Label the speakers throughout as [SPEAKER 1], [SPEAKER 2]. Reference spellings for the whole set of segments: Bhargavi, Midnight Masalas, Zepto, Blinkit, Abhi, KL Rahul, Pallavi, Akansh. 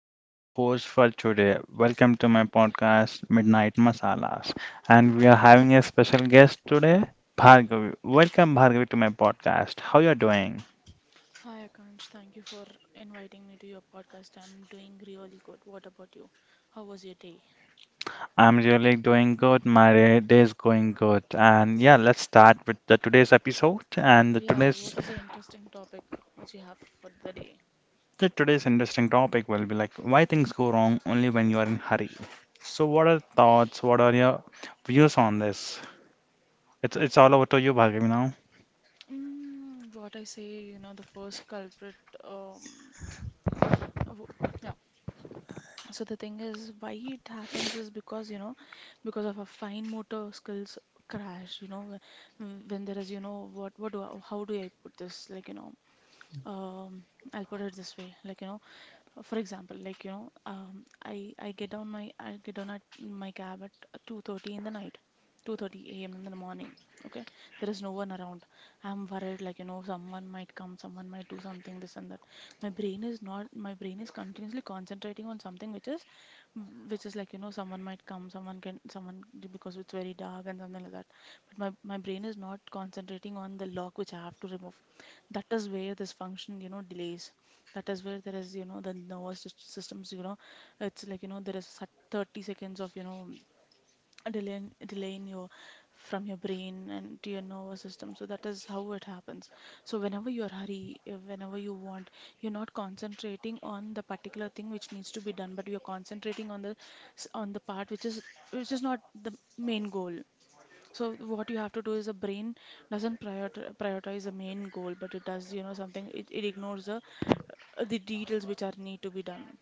[SPEAKER 1] and I'm the host for today. Welcome to my podcast Midnight Masalas. And we are having a special guest today, Bhargavi. Welcome Bhargavi to my podcast. How you are doing?
[SPEAKER 2] Hi, Akansh. Thank you for inviting me to your podcast. I'm doing really good. What about you? How was your day?
[SPEAKER 1] I'm really doing good. My day is going good. And
[SPEAKER 2] It's-
[SPEAKER 1] yeah, let's start with the today's episode. And
[SPEAKER 2] Yeah, what is the interesting topic which you have for the day?
[SPEAKER 1] the today's interesting topic will be like why things go wrong only when you are in hurry. So what are thoughts? What are your views on this? It's all over to you, Bhargav, now.
[SPEAKER 2] What I say, the first culprit, um, w- yeah. So the thing is, why it happens is because, because of our fine motor skills crash, when there is, what, how do I put this? Like, um, I'll put it this way. Like, for example, like I get down at my cab at 2:30 in the night, 2:30 a.m. in the morning. Okay, there is no one around. I'm worried, like someone might come, someone might do something, this and that. My brain is not, My brain is continuously concentrating on something which is, like someone might come, someone, because it's very dark and something like that. But my brain is not concentrating on the lock which I have to remove. That is where this function, delays. That is where there is, the systems, it's like, there is 30 seconds of, a delay in your from your brain and to your nervous system. So that is how it happens. So whenever you are hurry, you're not concentrating on the particular thing which needs to be done, but you're concentrating on on the part which is not the main goal. So what you have to do is, the brain doesn't prioritize the main goal, but it does, something, it ignores the details which are need to be done.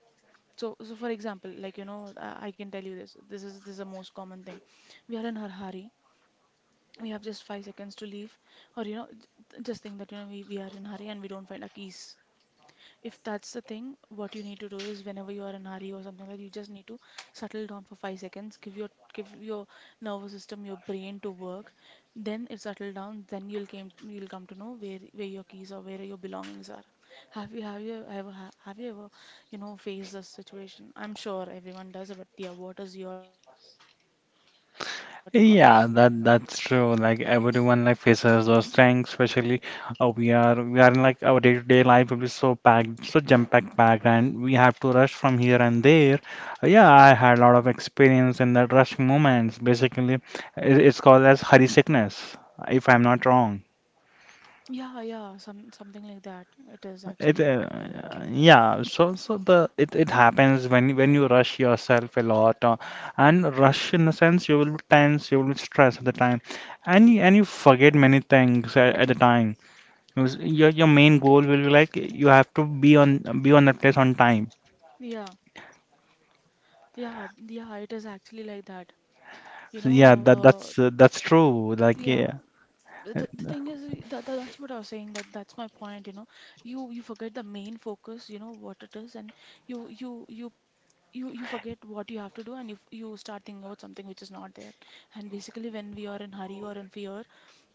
[SPEAKER 2] So, for example, like I can tell you this. This is the most common thing. We are in a hurry. We have just 5 seconds to leave, or just think that we are in a hurry and we don't find our keys. If that's the thing, what you need to do is, whenever you are in a hurry or something like that, you just need to settle down for 5 seconds, give your nervous system, your brain, to work. Then it settle down, then you'll come to know where your keys are, where your belongings are. Have you ever, faced this situation? I'm sure everyone does, but yeah, what is your take on this?
[SPEAKER 1] Yeah, that's true. Like everyone like faces those things, especially we are in like our day-to-day life will be so packed, so jam-packed packed, and we have to rush from here and there. Yeah, I had a lot of experience in that rushing moments. Basically, it's called as hurry sickness, if I'm not wrong.
[SPEAKER 2] Yeah, yeah, something like that. It is actually.
[SPEAKER 1] Yeah, so it happens when you rush yourself a lot, and rush in a sense you will be tense, you will be stressed at the time, and you forget many things at the time. Because your main goal will be like you have to be on that place on time.
[SPEAKER 2] Yeah, yeah, yeah, it is actually like that. You
[SPEAKER 1] So
[SPEAKER 2] know,
[SPEAKER 1] yeah,
[SPEAKER 2] uh,
[SPEAKER 1] that's true. Like
[SPEAKER 2] yeah.
[SPEAKER 1] yeah,
[SPEAKER 2] The thing is that, that's what I was saying. That's my point. You forget the main focus, what it is. And you you you you forget what you have to do. And if you, f- you start thinking about something which is not there. And basically, when we are in hurry or in fear,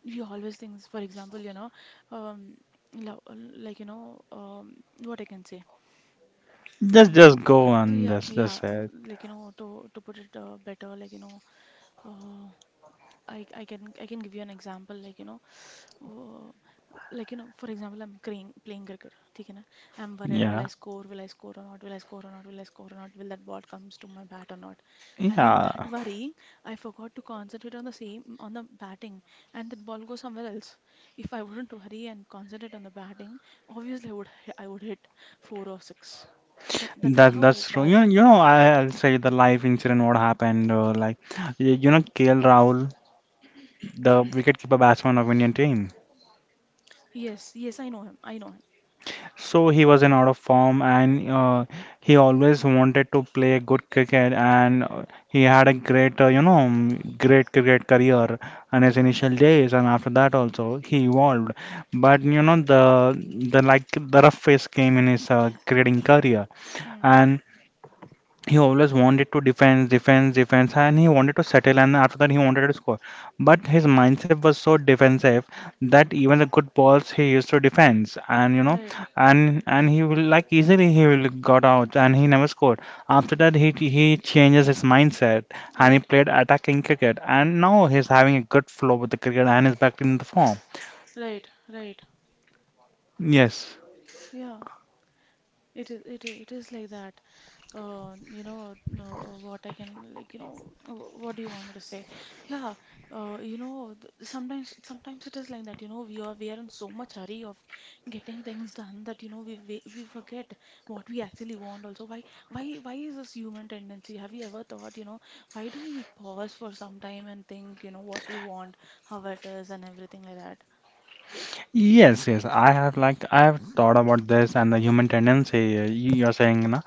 [SPEAKER 2] we always think, for example, um like, what I can say.
[SPEAKER 1] just
[SPEAKER 2] Mm,
[SPEAKER 1] just go on.
[SPEAKER 2] yeah,
[SPEAKER 1] That's
[SPEAKER 2] yeah.
[SPEAKER 1] that's it.
[SPEAKER 2] Like, to put it better. Like, uh, I can give you an example. Like, Uh, like for example, I'm playing cricket, ठीक है ना? I'm worried, will I
[SPEAKER 1] Yeah,
[SPEAKER 2] score, will I score or not, will I score or not, will I score or not, will that ball comes to my bat or not? And in
[SPEAKER 1] yeah.
[SPEAKER 2] that worrying, I forgot to concentrate on the same, on the batting, and that ball goes somewhere else. If I wouldn't worry and concentrate on the batting, obviously I would I would hit four or six. So that is
[SPEAKER 1] That
[SPEAKER 2] how it
[SPEAKER 1] that's true.
[SPEAKER 2] does.
[SPEAKER 1] I'll say the life incident what happened. KL Rahul, the wicketkeeper batsman of Indian team.
[SPEAKER 2] Yes, yes, I know him, I know him.
[SPEAKER 1] So he was in out of form, and he always wanted to play good cricket, and he had a great, you know, mm, great cricket career in his
[SPEAKER 2] Mm,
[SPEAKER 1] initial days, and after that also he evolved. But you know, the like the rough phase came in his cricketing career,
[SPEAKER 2] mm,
[SPEAKER 1] and he always wanted to defense, defense, defense, and he wanted to settle, and after that he wanted to score. But his mindset was so defensive that even the good balls he used to defense, and you know,
[SPEAKER 2] right,
[SPEAKER 1] and he will like easily he will got out, and he never scored. After that he changes his mindset, and he
[SPEAKER 2] right,
[SPEAKER 1] played attacking cricket, and now he's having a good flow with the cricket, and is back in the form.
[SPEAKER 2] right, right,
[SPEAKER 1] Yes.
[SPEAKER 2] yeah. It is like that. You know, no, like, what do you want me to say? Yeah, you know, sometimes it is like that. You know, we are in so much hurry of getting things done that, we forget what we actually want. Also, why is this human tendency? Have you ever thought, why do we pause for some time and think, what we want, how it is, and everything like that?
[SPEAKER 1] Yes, yes, I have thought about this and the human tendency you- you're saying, you know.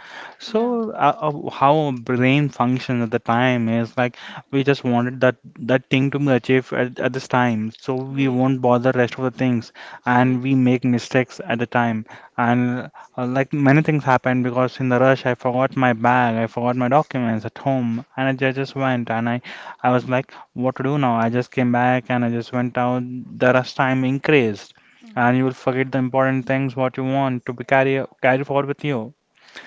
[SPEAKER 2] Yeah,
[SPEAKER 1] So how our brain functions at the time is like we just wanted that that thing to be achieved at this time, so we
[SPEAKER 2] right,
[SPEAKER 1] won't bother rest of the things,
[SPEAKER 2] right,
[SPEAKER 1] and we make mistakes at the time, and like many things happen because in the rush I forgot my bag, I forgot my documents at home, and I just went and I was like, what to do now? I just came back and I just went out. The rush time increased
[SPEAKER 2] mm-hmm,
[SPEAKER 1] and you will forget the important things what you want to be carry forward with you.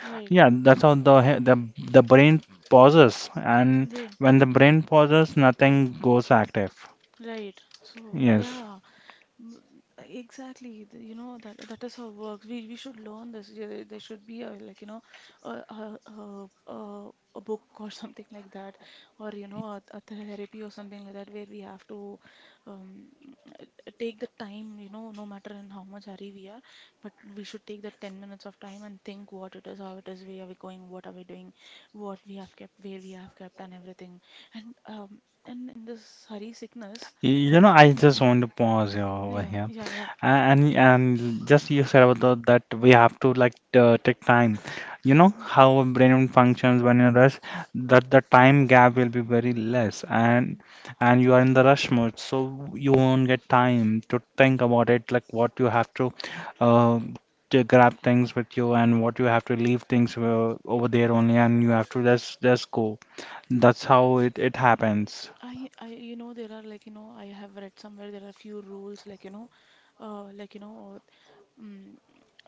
[SPEAKER 2] right.
[SPEAKER 1] Yeah, that's how the he- the brain pauses, and
[SPEAKER 2] Then,
[SPEAKER 1] when the brain pauses, nothing goes active.
[SPEAKER 2] right. So,
[SPEAKER 1] Yes.
[SPEAKER 2] yeah, m- exactly. You know that that is how it works. We should learn this. Yeah, there should be a, like, a book or something like that, or a therapy or something like that, where we have to, um, take the time, no matter in how much hurry we are, but we should take that 10 minutes of time and think what it is, how it is, where are we going, what are we doing, what we have kept, where we have kept, and everything. And um, and in this hurry sickness,
[SPEAKER 1] You know, I just want to pause here over
[SPEAKER 2] yeah,
[SPEAKER 1] here
[SPEAKER 2] yeah, yeah.
[SPEAKER 1] And just you said about that we have to like take time. You know
[SPEAKER 2] Mhm.
[SPEAKER 1] how a brain functions when in rush. That the time gap will be very less, and
[SPEAKER 2] Mm.
[SPEAKER 1] you are in the rush mode, so you won't get time to think about it, like what you have uh, to grab things with you and what you have to leave things over there only, and you have to just go. That's how it happens.
[SPEAKER 2] You know, there are, like, I have read somewhere there are few rules, like, like, Mm,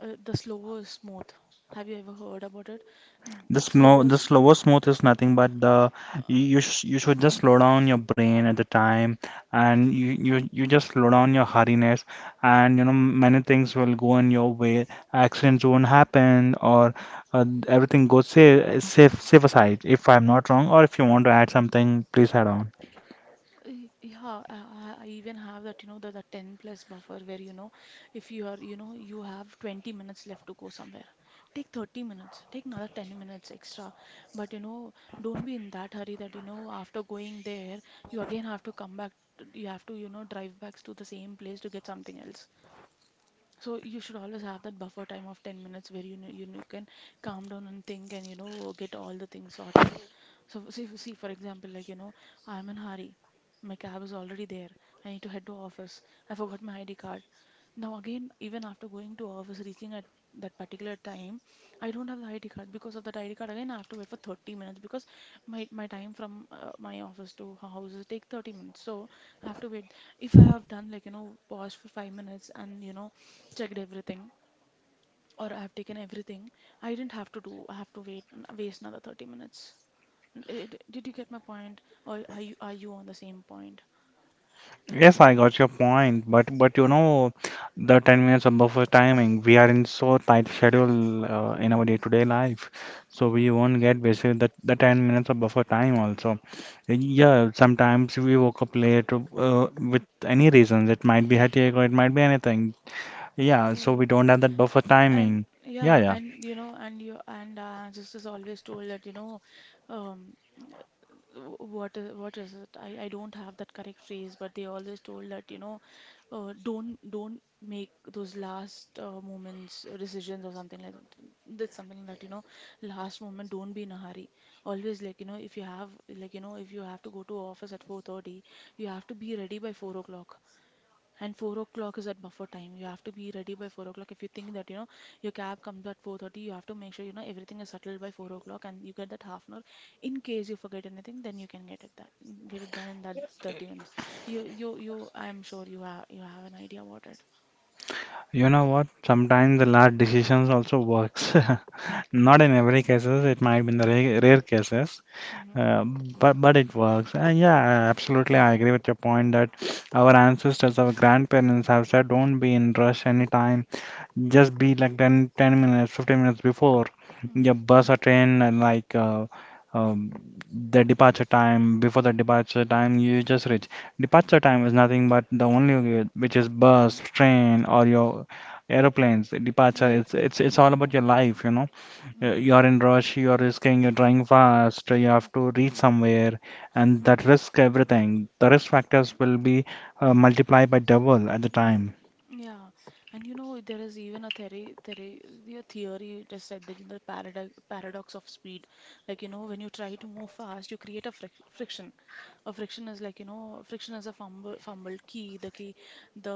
[SPEAKER 2] the slow is smooth. Have you ever heard about it? Mm,
[SPEAKER 1] The slow,
[SPEAKER 2] Slow
[SPEAKER 1] the
[SPEAKER 2] is,
[SPEAKER 1] slower smooth is nothing but the
[SPEAKER 2] uh,
[SPEAKER 1] you should just slow down your brain at the time, and you just slow down your hurriness, and you know many things will go in your way. Accidents won't happen, or everything goes safe, safer side. If I'm not wrong, or if you want to add something, please add on.
[SPEAKER 2] yeah, I even have that, the 10 plus buffer, where, if you are, you have 20 minutes left to go somewhere, take 30 minutes, take another 10 minutes extra. But, don't be in that hurry that, after going there, you again have to come back, you have to, drive back to the same place to get something else. So you should always have that buffer time of 10 minutes, where you know you can calm down and think and get all the things sorted. So, see, for example, like I'm in hurry. My cab is already there. I need to head to office. I forgot my ID card. Now again, even after going to office, reaching at that particular time, I don't have the ID card. Because of that ID card, again I have to wait for 30 minutes, because my time from my office to house is take 30 minutes. So I have to wait. If I have done, like, pause for 5 minutes and checked everything, or I have taken everything, I didn't have to do. I have to wait, waste another 30 minutes. Did you get my point? Or are you on the same point?
[SPEAKER 1] Yes, I got your point, but you know, the 10 minutes of buffer timing, we are in so tight schedule in our day-to-day life, so we won't get basically the 10 minutes of buffer time also. Yeah, sometimes we woke up late with any reasons. It might be headache or it might be anything. Yeah, so
[SPEAKER 2] Right.
[SPEAKER 1] we don't have that buffer
[SPEAKER 2] And
[SPEAKER 1] timing. Yeah,
[SPEAKER 2] yeah,
[SPEAKER 1] yeah.
[SPEAKER 2] and you know, and you and just as always told that, um, what is it? I don't have that correct phrase, but they always told that, don't make those last moments decisions or something like That's something that, last moment don't be in a hurry. Always, like you know if you have like you know if you have to go to office at 4:30, you have to be ready by 4 o'clock. And 4 o'clock is at buffer time, you have to be ready by 4 o'clock. If you think that your cab comes at 4:30, you have to make sure everything is settled by 4 o'clock and you get that half an hour in case you forget anything. Then you can get it done in that 30 minutes. You you you i'm sure you have an idea about it.
[SPEAKER 1] You know what? Sometimes the last decisions also works. Not in every cases, it might be in the rare cases.
[SPEAKER 2] Mm-hmm.
[SPEAKER 1] But it works. And yeah, absolutely, I agree with your point that our ancestors, our grandparents have said, don't be in rush anytime. Just be like 10 minutes, 15 minutes before
[SPEAKER 2] Mm-hmm.
[SPEAKER 1] your bus or train, and like um, the departure time. Before the departure time, you just reach. Departure time is nothing but the only way, which is bus, train, or your aeroplanes. Departure,
[SPEAKER 2] Right.
[SPEAKER 1] it's all about your life, you know.
[SPEAKER 2] Mm-hmm.
[SPEAKER 1] You are in rush, you are risking, you're driving fast, you have to reach somewhere, and that
[SPEAKER 2] Mm-hmm.
[SPEAKER 1] risk everything. The risk factors will be multiplied by double at the time.
[SPEAKER 2] Yeah, and there is even a the theory. It is said that the paradox of speed, like when you try to move fast, you create a friction. A friction is, like, friction is a fumbled key, the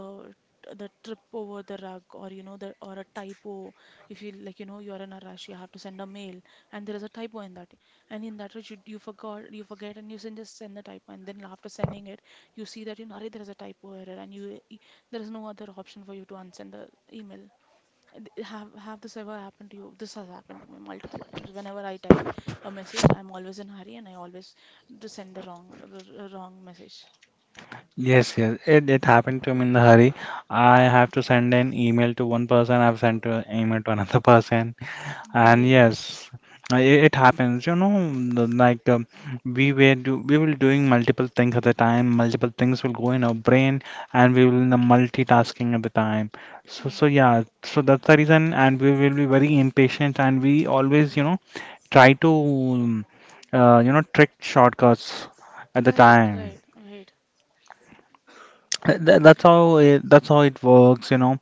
[SPEAKER 2] the trip over the rug, or you know the or a typo. If you like you know you are in a rush, you have to send a mail, and there is a typo in that, and in that rush you forget, and you send just send the typo, and then after sending it, you see that "Arre, there is a typo error, and you there is no other option for you to unsend the email. And have this ever happened to you? This has happened to me multiple times. Whenever I type a message I'm always in hurry and I always to send the wrong message.
[SPEAKER 1] Yes, yes, it happened to me in the hurry. I have to send an email to one person, I've sent an email to another person. And
[SPEAKER 2] Right.
[SPEAKER 1] yes, it happens. You know, the- like um,
[SPEAKER 2] Mm,
[SPEAKER 1] we were do we will doing multiple things at the time. Multiple things will go in our brain, and we will in the multitasking at the time. So
[SPEAKER 2] mm.
[SPEAKER 1] so yeah, so that's the reason. And we will be very impatient, and we always you know try to um, you know trick shortcuts at the
[SPEAKER 2] Right,
[SPEAKER 1] time.
[SPEAKER 2] right, right.
[SPEAKER 1] That's how it works, you know.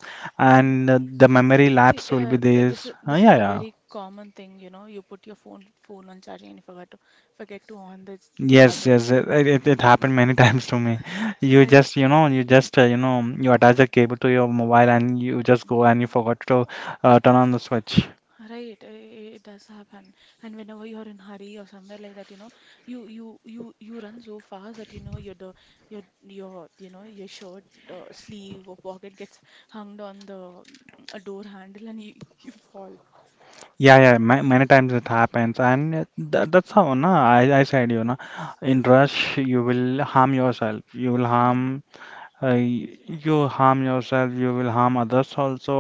[SPEAKER 2] Mm.
[SPEAKER 1] And the
[SPEAKER 2] Uh,
[SPEAKER 1] memory
[SPEAKER 2] y-
[SPEAKER 1] lapse will be
[SPEAKER 2] uh, th-
[SPEAKER 1] there.
[SPEAKER 2] this is
[SPEAKER 1] Uh,
[SPEAKER 2] this is
[SPEAKER 1] yeah,
[SPEAKER 2] the
[SPEAKER 1] yeah.
[SPEAKER 2] very common thing, you know. You put your phone on charging and you forgot to forget to on the
[SPEAKER 1] Yes,
[SPEAKER 2] charger.
[SPEAKER 1] yes, it happened many times to me. You
[SPEAKER 2] Right.
[SPEAKER 1] just, you know, you just, you know, you attach a cable to your mobile and you just go and you forgot to turn on the switch.
[SPEAKER 2] Right, it does happen. And whenever you're in hurry or somewhere like that, you know, you run so fast that you know your your shirt sleeve or pocket gets hung on the a door handle and you you fall.
[SPEAKER 1] Yeah, yeah, ma many times it happens, and that, that's how, na, I said, you know, in rush you will harm yourself. You will
[SPEAKER 2] Yeah.
[SPEAKER 1] harm, uh, you harm yourself. You will harm others also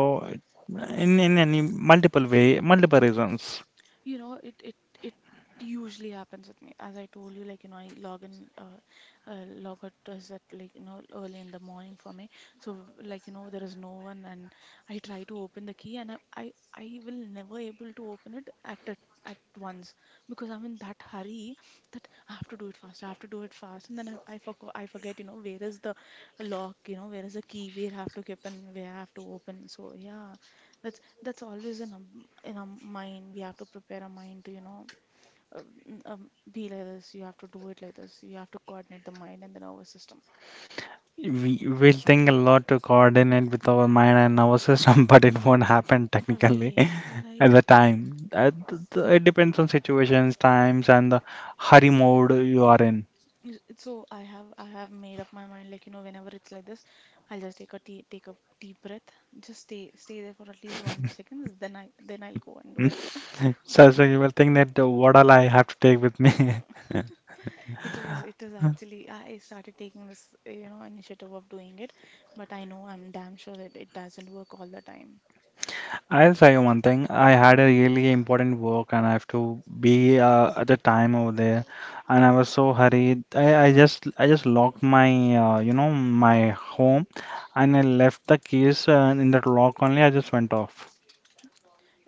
[SPEAKER 1] in any multiple way, multiple reasons.
[SPEAKER 2] You know, it usually happens with me. As I told you, like you know, I log in, log out is at like you know early in the morning for me. So like you know, there is no one, and I try to open the key, and I will never able to open it at a at once because I'm in that hurry that I have to do it fast. I have to do it fast, and then I forgot. I forget. You know, where is the lock? You know, where is the key? Where I have to keep and where I have to open. So yeah, that's always in a mind. We have to prepare a mind to, you know, uh, be like this. You have to do it like this. You have to coordinate the mind and the nervous system.
[SPEAKER 1] We will think a lot to coordinate with our mind and our system, but it won't happen technically
[SPEAKER 2] Right,
[SPEAKER 1] at the
[SPEAKER 2] right.
[SPEAKER 1] time. It depends on situations, times, and the hurry mode you are in.
[SPEAKER 2] So I have made up my mind. Like you know, whenever it's like this, I'll just take a tea, take a deep breath, just stay there for at least 1 2 seconds, then I'll go and do it.
[SPEAKER 1] So, so you will think that what all I have to take with me.
[SPEAKER 2] It is actually I started taking this you know initiative of doing it, but I know I'm damn sure that it doesn't work all the time.
[SPEAKER 1] I'll tell you one thing. I had a
[SPEAKER 2] Mm-hmm.
[SPEAKER 1] really important work and I have to be at the time over there, and I
[SPEAKER 2] Mm.
[SPEAKER 1] was so hurried. I just locked my you know my home, and I left the keys in that lock only. I just went off.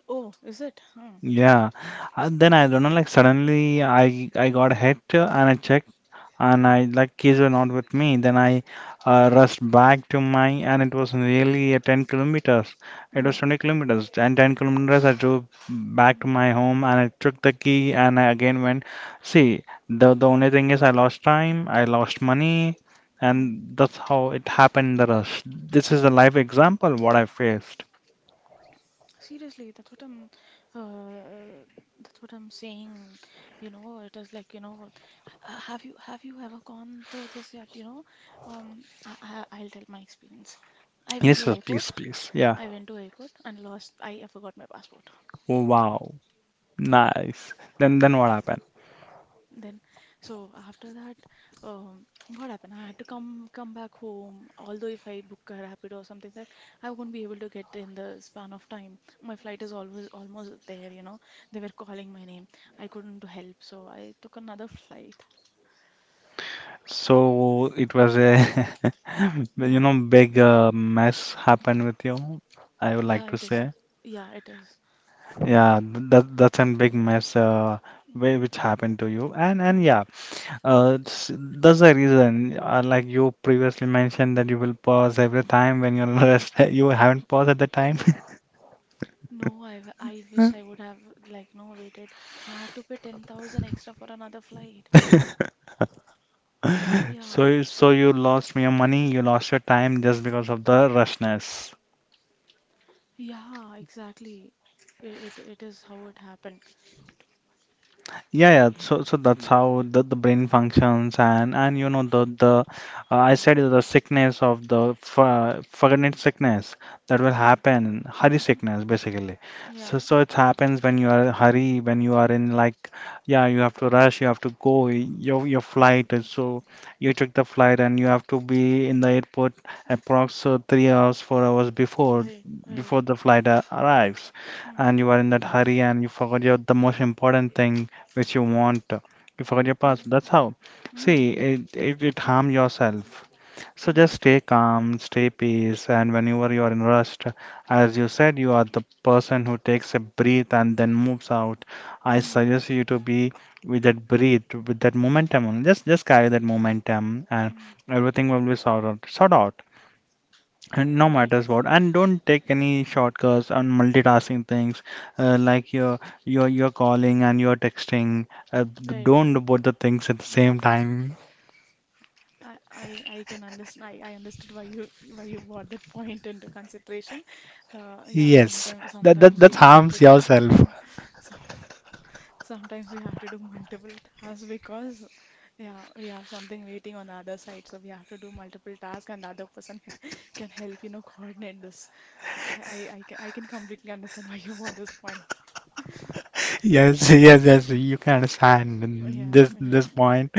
[SPEAKER 2] Oh, is it? Huh.
[SPEAKER 1] Yeah, and then I don't know like suddenly I got hit and I checked and
[SPEAKER 2] Hmm.
[SPEAKER 1] I like kids were not with me. Then I rushed back to my and it was nearly a 10 kilometers.
[SPEAKER 2] Mm.
[SPEAKER 1] It was
[SPEAKER 2] Mm-hmm.
[SPEAKER 1] 20 kilometers and 10 kilometers. I drove back to
[SPEAKER 2] Mm.
[SPEAKER 1] my home and I took the key and I again went. See, the only thing is I lost time, I lost money,
[SPEAKER 2] Mm.
[SPEAKER 1] and that's how it happened in the rush. This is a live example what I faced.
[SPEAKER 2] Seriously, uh, that's what I'm saying. You know, it is like, you know, have you ever gone through this yet, you know? I, I'll tell my experience. I went
[SPEAKER 1] Yes,
[SPEAKER 2] to
[SPEAKER 1] yes,
[SPEAKER 2] airport.
[SPEAKER 1] please, please. Yeah.
[SPEAKER 2] I went to airport and lost I forgot my passport.
[SPEAKER 1] Wow. Nice. Then what happened?
[SPEAKER 2] Then, so after that, um, what happened? I had to come back home. Although if I book a rapid or something, that I won't be able to get in the span of time. My flight is always almost there, you know. They were calling my name. I couldn't help, so I took another flight.
[SPEAKER 1] So it was a, you
[SPEAKER 2] Yeah,
[SPEAKER 1] know, big mess happened with you. I would like
[SPEAKER 2] yeah,
[SPEAKER 1] to
[SPEAKER 2] it is.
[SPEAKER 1] say,
[SPEAKER 2] Yeah, it is.
[SPEAKER 1] yeah, that that's a big mess
[SPEAKER 2] Mm,
[SPEAKER 1] which happened to you, and
[SPEAKER 2] mm,
[SPEAKER 1] yeah,
[SPEAKER 2] mm.
[SPEAKER 1] that's the reason. Like you previously mentioned that you will pause every time when you're rest. You haven't paused at the time,
[SPEAKER 2] No, I wish I would have like no waited. I had to pay 10,000 extra for another flight. Yeah.
[SPEAKER 1] so so you lost your money, you lost your time just because of the rushness.
[SPEAKER 2] Yeah, exactly. It is how it happened.
[SPEAKER 1] Yeah, yeah. So, so that's how the brain functions, and you know the I said the sickness of forgotten sickness that will
[SPEAKER 2] Mm.
[SPEAKER 1] happen, hurry sickness basically.
[SPEAKER 2] Yeah.
[SPEAKER 1] So, so it happens when you are in hurry, when you are in like, yeah, you have to rush, you have to go, your flight is so you took the flight and you have to be in the airport approx 3 hours, 4 hours before
[SPEAKER 2] Right, right.
[SPEAKER 1] before the flight arrives,
[SPEAKER 2] Hmm.
[SPEAKER 1] and you are in that hurry and you forgot your the most important thing which you
[SPEAKER 2] Hmm.
[SPEAKER 1] want. You forgot your
[SPEAKER 2] Hmm.
[SPEAKER 1] password. That's how.
[SPEAKER 2] Hmm.
[SPEAKER 1] See, it harm yourself. So
[SPEAKER 2] Hmm.
[SPEAKER 1] just stay calm, stay peace, and whenever you are in rust, as you said, you are the person who takes a breath and then moves out. I
[SPEAKER 2] Hmm.
[SPEAKER 1] suggest you to be with that breath, with that momentum only. Just carry that momentum, and
[SPEAKER 2] Hmm.
[SPEAKER 1] everything will be sorted out. Sort out. And no
[SPEAKER 2] Okay.
[SPEAKER 1] matters what, and don't take any shortcuts on multitasking things, like you're calling and you're texting.
[SPEAKER 2] Right.
[SPEAKER 1] Don't do both the things at the same time.
[SPEAKER 2] I, I I can understand. I understood why you brought that point into consideration. Yeah,
[SPEAKER 1] Yes, that that
[SPEAKER 2] sometimes we
[SPEAKER 1] that
[SPEAKER 2] have to
[SPEAKER 1] harms
[SPEAKER 2] do.
[SPEAKER 1] yourself.
[SPEAKER 2] Sometimes we have to do multiple tasks because, yeah, we have something waiting on the other side, so we have to do multiple tasks, and the other person can help, you know, coordinate this. I can completely understand why you brought this point.
[SPEAKER 1] Yes, yes, yes. You can understand
[SPEAKER 2] Yeah,
[SPEAKER 1] this
[SPEAKER 2] yeah,
[SPEAKER 1] this point,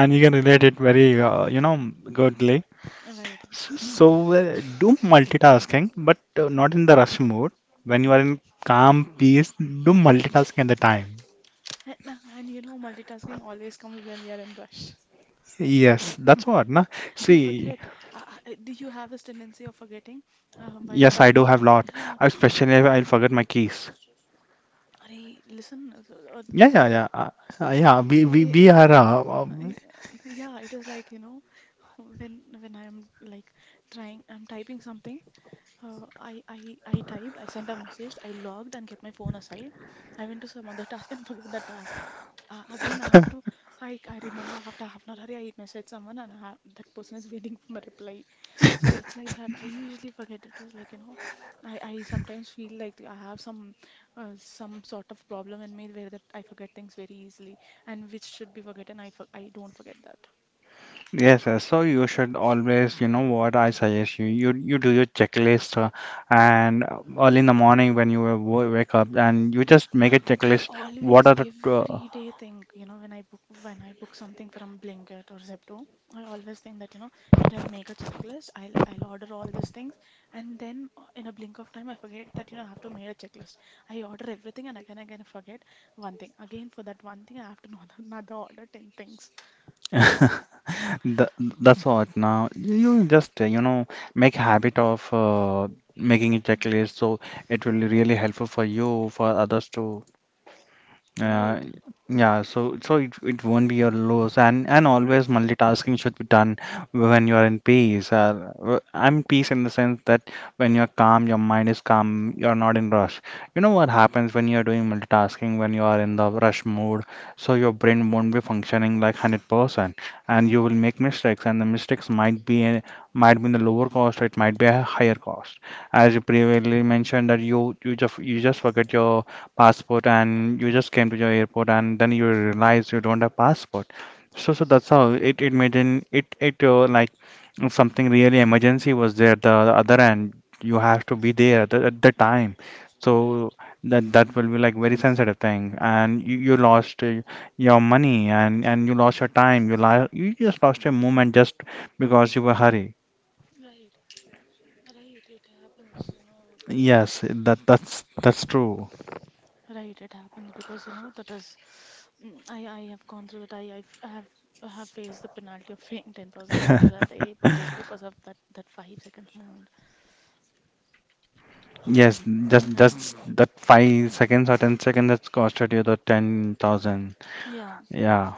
[SPEAKER 1] and you can relate it very you know, goodly.
[SPEAKER 2] right.
[SPEAKER 1] So do multitasking, but not in the rush mode. When you
[SPEAKER 2] Mm-hmm.
[SPEAKER 1] are in calm peace, do multitasking at the time.
[SPEAKER 2] And, uh, and you know, multitasking always comes when we are in rush.
[SPEAKER 1] Yes, that's what, na.
[SPEAKER 2] I
[SPEAKER 1] See,
[SPEAKER 2] forget. Do you have this tendency of forgetting by the
[SPEAKER 1] yes, I do
[SPEAKER 2] time?
[SPEAKER 1] have lot,
[SPEAKER 2] Yeah,
[SPEAKER 1] especially if I'll forget my keys.
[SPEAKER 2] I listen.
[SPEAKER 1] Yeah, yeah, yeah, uh, yeah. We
[SPEAKER 2] It, it,
[SPEAKER 1] are.
[SPEAKER 2] yeah, it is like, you know, when I'm like trying I'm typing something, I typed. I sent a message. I logged and kept my phone aside. I went to some other task and forget that task. Again I have to I remember after half an hour I message someone and I have, that person is waiting for my reply. So it's like that I usually forget. It is like you know, I sometimes feel like I have some sort of problem in me where that I forget things very easily, and which should be forgotten I don't forget that.
[SPEAKER 1] Yes, yes. So you should always, you know, what I suggest you, you do your checklist, and early in the morning when you wake up, and you just make a
[SPEAKER 2] I
[SPEAKER 1] checklist. What
[SPEAKER 2] always
[SPEAKER 1] are the
[SPEAKER 2] every day think, you know, when I book something from Blinkit or Zepto, I always think that, you know, today I'll make a checklist, I'll order all these things, and then in a blink of time I forget that, you know, I have to make a checklist. I order everything and again I forget one thing. Again for that one thing I have to order another order ten things.
[SPEAKER 1] the, that's what. Now you just you know, make habit of making a checklist, so it will be really helpful for you, for others to…
[SPEAKER 2] Right.
[SPEAKER 1] Uh, yeah, so so it won't be your loss, and always multitasking should be done when you are in peace. I'm peace in the sense that when you're calm, your mind is calm, you're not in rush. You know what happens when you're doing multitasking, when you are in the rush mode, so your brain won't be functioning like 100%, and you will make mistakes, and the mistakes might might be in the lower cost, or it might be a higher cost. As you previously mentioned, that you just forget your passport and you just came to your airport and then you realize you don't have passport. So so that's
[SPEAKER 2] Yes.
[SPEAKER 1] how it made in it like if something really emergency was there, the other end, you have to be there at the time. So
[SPEAKER 2] Right.
[SPEAKER 1] that that will be like very sensitive thing, and you lost your money, and you lost your time. You just lost a moment just because you were hurry.
[SPEAKER 2] Right. Right. It happens. You know.
[SPEAKER 1] Yes, that
[SPEAKER 2] Yeah.
[SPEAKER 1] that's that's true.
[SPEAKER 2] Right, it happens because you know that is. Mm, I have gone through that. I I've, have faced the penalty of paying 10,000 rupees at the airport just because of that 5 seconds more.
[SPEAKER 1] Yes, just
[SPEAKER 2] Yeah.
[SPEAKER 1] just that 5 seconds or 10 seconds that's costed you the 10,000.
[SPEAKER 2] Yeah.
[SPEAKER 1] Yeah,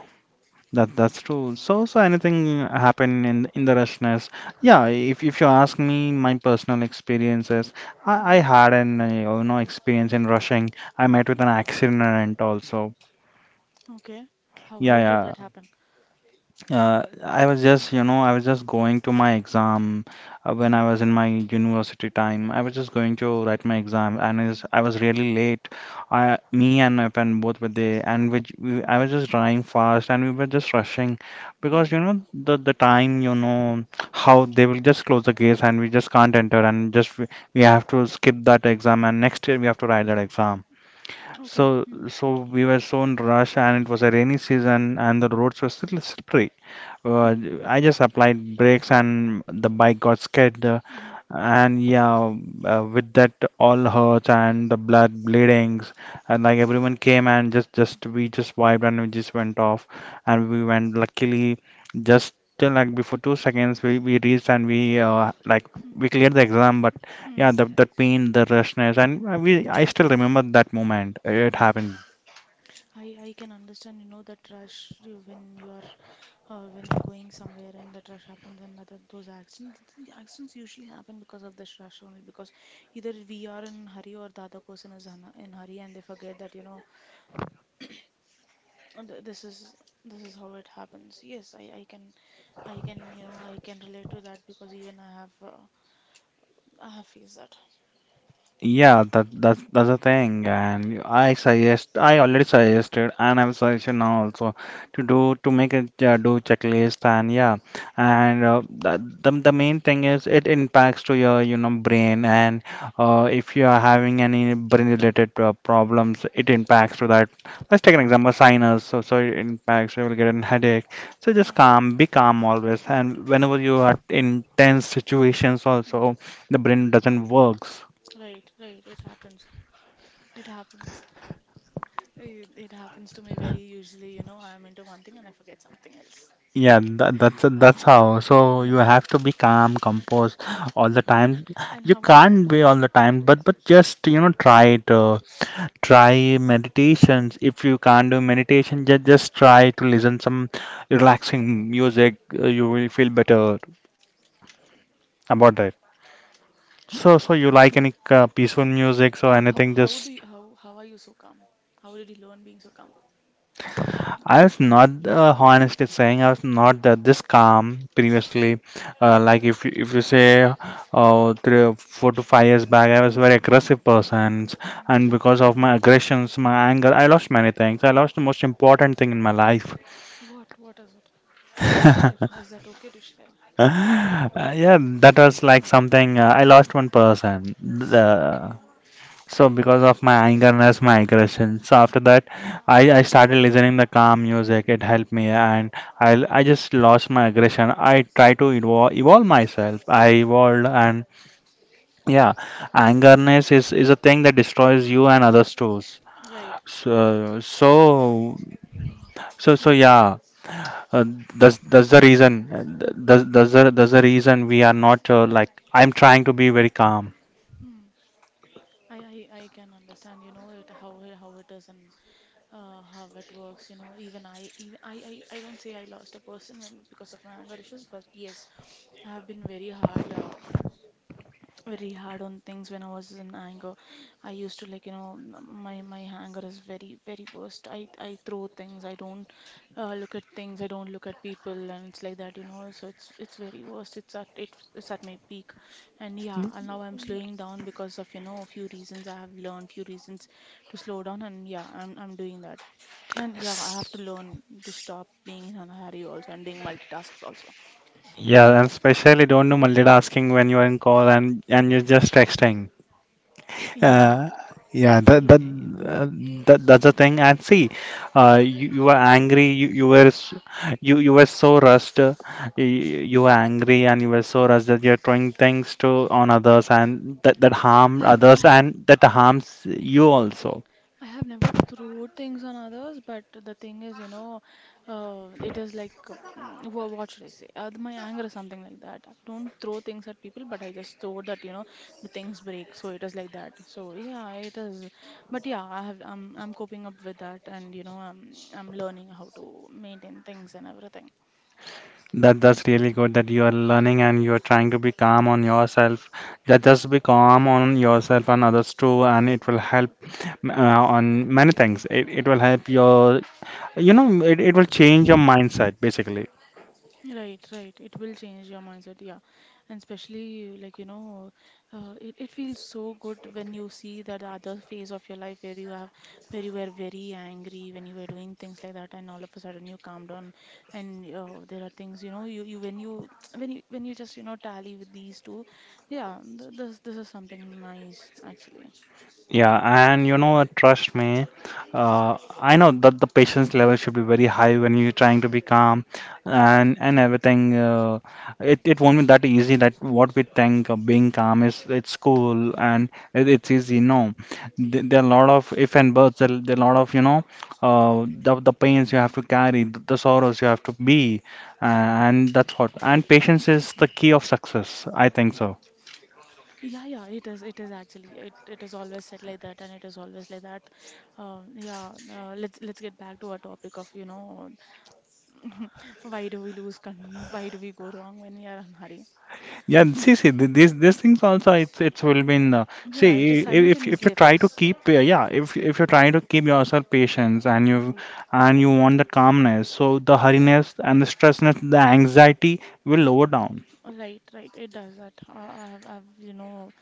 [SPEAKER 1] that's true. So so anything happen in the rushness? Yeah, if you ask me, my personal experiences, I
[SPEAKER 2] Hmm.
[SPEAKER 1] had an you know, experience in rushing. I met with an accident also.
[SPEAKER 2] Okay.
[SPEAKER 1] Yeah,
[SPEAKER 2] How did
[SPEAKER 1] yeah.
[SPEAKER 2] that happen?
[SPEAKER 1] I was just, you know, I was just going to my exam when
[SPEAKER 2] Mm-hmm.
[SPEAKER 1] I was in my university time. I was just going to write my exam, and is I was really late. I, me and my friend both were there, and which we, I was just driving fast, and we were just rushing because
[SPEAKER 2] Mm.
[SPEAKER 1] you know, the time, you know, how they will just close the gates, and we just can't enter, and just we have to skip that exam, and next year we have to write that exam.
[SPEAKER 2] Okay.
[SPEAKER 1] So,
[SPEAKER 2] Mm-hmm.
[SPEAKER 1] so we were so in rush, and it was a rainy season, and the roads were still slippery. Uh,
[SPEAKER 2] Mm-hmm.
[SPEAKER 1] I just applied brakes and the
[SPEAKER 2] Mm-hmm.
[SPEAKER 1] bike got skidded,
[SPEAKER 2] Mm-hmm.
[SPEAKER 1] and yeah, with that all hurts and the blood bleedings, and like everyone came and just we just wiped and we just went off, and
[SPEAKER 2] Mm-hmm.
[SPEAKER 1] we went luckily just till, like before 2 seconds we reached and we like we cleared the exam, but yeah, the that pain, the rushness, and we I still remember that moment. It
[SPEAKER 2] Mm-hmm.
[SPEAKER 1] happened.
[SPEAKER 2] I can understand, you know, that rush. When you're going somewhere and that rush happens, and that those accidents the accidents usually happen because of this rush only, because either we are in hurry or the other person is a- in hurry and they forget that you know. Uh, th- this is this is how it happens. Yes, I can, you know, I can relate to that because even I have, I have faced that.
[SPEAKER 1] Yeah, that's that's the thing, and I suggest, I already suggested, and I'm suggesting now also,
[SPEAKER 2] Mm.
[SPEAKER 1] to
[SPEAKER 2] Mm.
[SPEAKER 1] do to make a, do checklist, and yeah,
[SPEAKER 2] Mm.
[SPEAKER 1] and the, the main thing is it impacts to your, you know, brain, and if you are having any brain related problems, it impacts to that. Let's take an example, sinus. So so it impacts. You will get a headache. So just calm, be calm always, and whenever you are in tense situations,
[SPEAKER 2] Mm.
[SPEAKER 1] also the
[SPEAKER 2] Mm.
[SPEAKER 1] brain
[SPEAKER 2] Mm.
[SPEAKER 1] doesn't works.
[SPEAKER 2] Right, right. It happens. It happens. It happens to me very usually, you know, I'm into one thing and I forget something else.
[SPEAKER 1] Yeah, that's
[SPEAKER 2] Uh,
[SPEAKER 1] that's how. So you
[SPEAKER 2] yeah.
[SPEAKER 1] have to be calm, composed all the
[SPEAKER 2] And
[SPEAKER 1] time.
[SPEAKER 2] and
[SPEAKER 1] You
[SPEAKER 2] how are you?
[SPEAKER 1] can't be all the time, but just you know, try it. Try meditations. If you can't do meditation, just try to listen some relaxing music. You will feel better about that. So so you like any peaceful music or anything? Just…
[SPEAKER 2] How are you so calm? How did you learn being so calm?
[SPEAKER 1] I was not honestly saying, I was not that this calm previously. Like
[SPEAKER 2] Mm,
[SPEAKER 1] if you say three, 4 to 5 years back, I was a very aggressive person,
[SPEAKER 2] mm.
[SPEAKER 1] and because of my aggressions, my anger, I lost many things. I lost the most important thing in my life.
[SPEAKER 2] What is it? Can you share? Is that okay to share?
[SPEAKER 1] Uh, yeah, that was like something I lost one person.
[SPEAKER 2] Okay.
[SPEAKER 1] The So because of my angerness, my aggression. So after that, I started listening the calm music. It helped me, and I just lost my aggression. I try to evolve, evolve myself. I evolved, and yeah, angerness is a thing that destroys you and others too.
[SPEAKER 2] Right.
[SPEAKER 1] So so so
[SPEAKER 2] Yes.
[SPEAKER 1] yeah. Uh, that's the reason. That's the reason we are not like, I'm trying to be very calm.
[SPEAKER 2] Hmm. I can understand, you know, it how how it is in how it works. You know, even I, I don't say I lost a person when, because of my anger issues, but yes, I have been very hard. Very hard on things when I was in anger. I used to like you know my my anger is very very worst. I throw things. I don't look at things. I don't look at people, and it's like that you know. So it's very worst. It's at it's at my peak, and yeah. And now I'm slowing down because of you know a few reasons. I have learned few reasons to slow down, and yeah, I'm doing that. And yeah, I have to learn to stop being in a hurry also and doing multitasks also.
[SPEAKER 1] Yeah, and especially don't do multitasking when you're in call and you're just texting.
[SPEAKER 2] Yeah,
[SPEAKER 1] Uh, yeah,
[SPEAKER 2] yeah.
[SPEAKER 1] that that's the thing. And see, you, you were angry. You you were so rushed. You, you were angry and you were so rushed that you're throwing things to on others, and that that harm
[SPEAKER 2] I have I
[SPEAKER 1] others,
[SPEAKER 2] have
[SPEAKER 1] and that harms you also.
[SPEAKER 2] I have never thrown things on others, but the thing is, you know, it is like, what should I say? My anger is something like that. I don't throw things at people, but I just throw that, you know, the things break. So it is like that. So yeah, it is. But yeah, I'm coping up with that, and you know, I'm learning how to maintain things and everything.
[SPEAKER 1] That that's really good that you are learning and you are trying to be calm on yourself. That just be calm on yourself and others too, and it will help uh, on many things. It will help your, you know, it will change your mindset basically.
[SPEAKER 2] Right, right. It will change your mindset, yeah. And especially like, you know, it feels so good when you see that the other phase of your life where you have where you were very angry, when you were doing things like that, and all of a sudden you calm down, and there are things, you know, you when you when you just, you know, tally with these two, yeah, th this this is something nice actually.
[SPEAKER 1] Yeah, and you know what, trust me, I know that the patience level should be very high when you're trying to be calm and everything. It it won't be that easy, that what we think of being calm is it's cool and it's easy. No, there are a lot of if and buts. There are a lot of, you know, the pains you have to carry, the sorrows you have to be, and that's what. And patience is the key of success, I think so.
[SPEAKER 2] Yeah, yeah, it is. It is actually. It is always said like that, and it is always like that. Yeah. Let's get back to our topic of you know, why do we lose? Why do we go wrong when we are in hurry?
[SPEAKER 1] Yeah, and see, see, these things also, it's will be in see,
[SPEAKER 2] Yeah, it is
[SPEAKER 1] if you
[SPEAKER 2] simultaneously
[SPEAKER 1] try to
[SPEAKER 2] affects.
[SPEAKER 1] keep yeah, if you try to keep yourself patience, and you want that calmness, so the hurriness and the stressness, the anxiety will lower down.
[SPEAKER 2] Right, right. It does that. I've you know,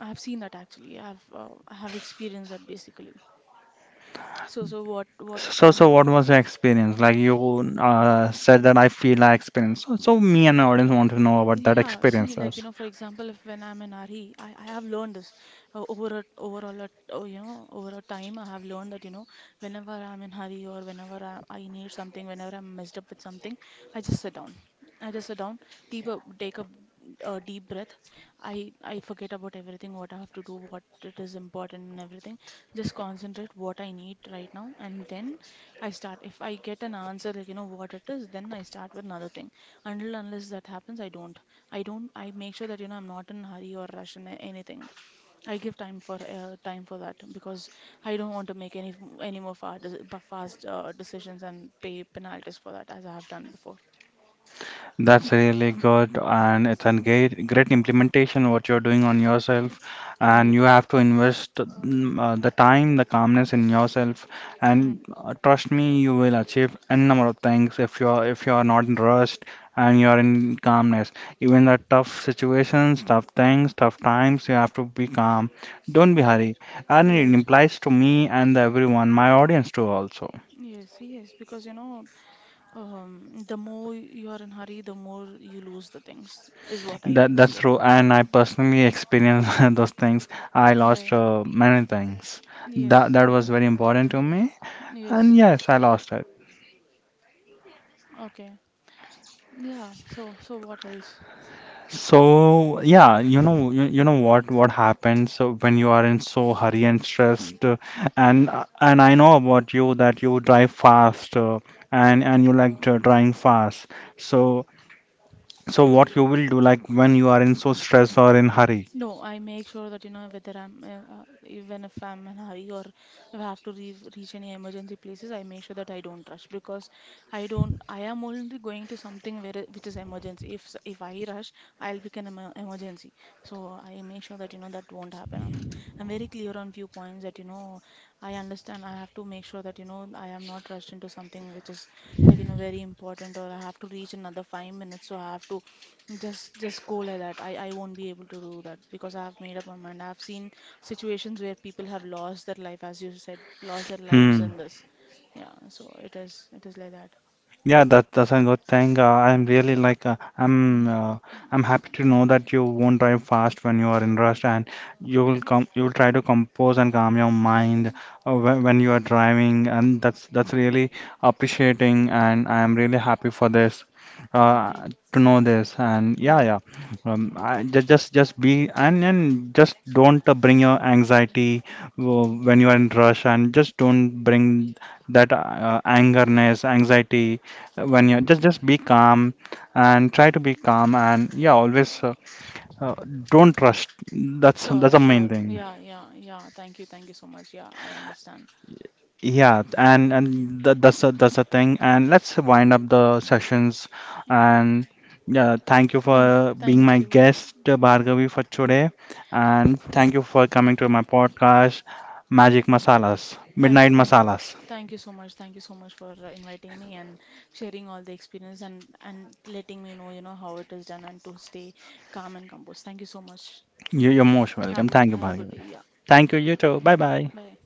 [SPEAKER 2] I've seen that actually. I have experienced that basically. So so what
[SPEAKER 1] So so
[SPEAKER 2] are
[SPEAKER 1] so what was your experience? Like you said that, I feel I experienced. So so me and my audience want to know about that
[SPEAKER 2] Yeah, see, like, you
[SPEAKER 1] experiences.
[SPEAKER 2] know, for example, if when I'm in a hurry, I have learned this, overall, you know, over a time, I have learned that, you know, whenever I'm in hurry or whenever I need something, whenever I'm messed up with something, I just sit down. I just sit down, take a deep breath. I forget about everything, what I have to do, what it is important and everything. Just concentrate what I need right now, and then I start. If I get an answer, like, you know, what it is, then I start with another thing. Until unless that happens, I don't. I don't. I make sure that you know I'm not in a hurry or rush in anything. I give time for that, because I don't want to make any any more fast decisions and pay penalties for that as I have done before.
[SPEAKER 1] That's really good, and it's a
[SPEAKER 2] Mm.
[SPEAKER 1] great, great implementation what you're doing on yourself, and you
[SPEAKER 2] Right.
[SPEAKER 1] have to invest the time, the calmness in yourself, and
[SPEAKER 2] Mm.
[SPEAKER 1] trust me, you will achieve n number of things if you're not in rust and you're in calmness. Even the tough situations, tough things, tough times, you have to be calm. Don't be
[SPEAKER 2] Right.
[SPEAKER 1] hurry, and it
[SPEAKER 2] Right.
[SPEAKER 1] implies to me and everyone, my audience too also.
[SPEAKER 2] Yes, yes, because you know, the more you're in hurry, the more you lose the things, is what I
[SPEAKER 1] That that's
[SPEAKER 2] understood.
[SPEAKER 1] true, and I personally experienced those things. I lost
[SPEAKER 2] Right.
[SPEAKER 1] many things. That
[SPEAKER 2] Yes.
[SPEAKER 1] that was very important to me,
[SPEAKER 2] Yes.
[SPEAKER 1] and yes, I lost it.
[SPEAKER 2] Okay. Yeah, so so what else?
[SPEAKER 1] So yeah, you know, you know what happens when you are in so hurry and stressed, and I know about you, that you drive fast, and you like to driving fast. So so what you will do, like, when you are in so stress or in hurry?
[SPEAKER 2] No, I make sure that you know whether I'm even if I'm in a hurry or if I have to re reach any emergency places, I make sure that I don't rush because I don't I am only going to something which is emergency. If I rush, I'll become an emergency. So I make sure that you know that won't happen. I'm very clear on few points that you know I understand. I have to make sure that, you know, I am not rushed into something which is like, you know, very important or I have to reach another 5 minutes. So I have to just go like that. I won't be able to do that because I have made up my mind. I've seen situations where people have lost their life, as you said, lost their lives
[SPEAKER 1] Hmm.
[SPEAKER 2] in this. Yeah, so it is like that.
[SPEAKER 1] Yeah, that that's a good thing. I'm really like
[SPEAKER 2] Mhm.
[SPEAKER 1] I'm happy to know that you won't drive fast when you are in rush, and you will try to compose and calm your mind when you are driving, and that's really appreciating, and I am really happy for this
[SPEAKER 2] Right.
[SPEAKER 1] to know this, and yeah,
[SPEAKER 2] Yeah.
[SPEAKER 1] yeah,
[SPEAKER 2] Mm.
[SPEAKER 1] I, just be, and just don't bring your anxiety
[SPEAKER 2] Mm.
[SPEAKER 1] when you are in rush, and just don't bring that angerness, anxiety. When you, just be calm, and try to be calm. And yeah, always, uh, don't rush,
[SPEAKER 2] Sure,
[SPEAKER 1] that's the main
[SPEAKER 2] sure.
[SPEAKER 1] thing.
[SPEAKER 2] Yeah, yeah, yeah. Thank you. Thank you so much. Yeah, I understand.
[SPEAKER 1] Yeah, and that, that's a, that's the thing, and let's wind up the sessions.
[SPEAKER 2] Yeah.
[SPEAKER 1] And yeah, thank you for
[SPEAKER 2] Thank
[SPEAKER 1] being
[SPEAKER 2] thank
[SPEAKER 1] my
[SPEAKER 2] you.
[SPEAKER 1] guest, Bhargavi, for today, and thank you for coming to my podcast, Magic Masalas
[SPEAKER 2] Thank
[SPEAKER 1] Midnight
[SPEAKER 2] you,
[SPEAKER 1] Masalas.
[SPEAKER 2] thank you so much, thank you so much for inviting me and sharing all the experience and letting me know, you know, how it is done, and to stay calm and composed. Thank you so much.
[SPEAKER 1] You, you're most welcome.
[SPEAKER 2] Have a
[SPEAKER 1] Thank you,
[SPEAKER 2] good
[SPEAKER 1] Bhargavi.
[SPEAKER 2] day. Yeah,
[SPEAKER 1] Thank you, you too. Bye
[SPEAKER 2] yeah.
[SPEAKER 1] bye.
[SPEAKER 2] Bye.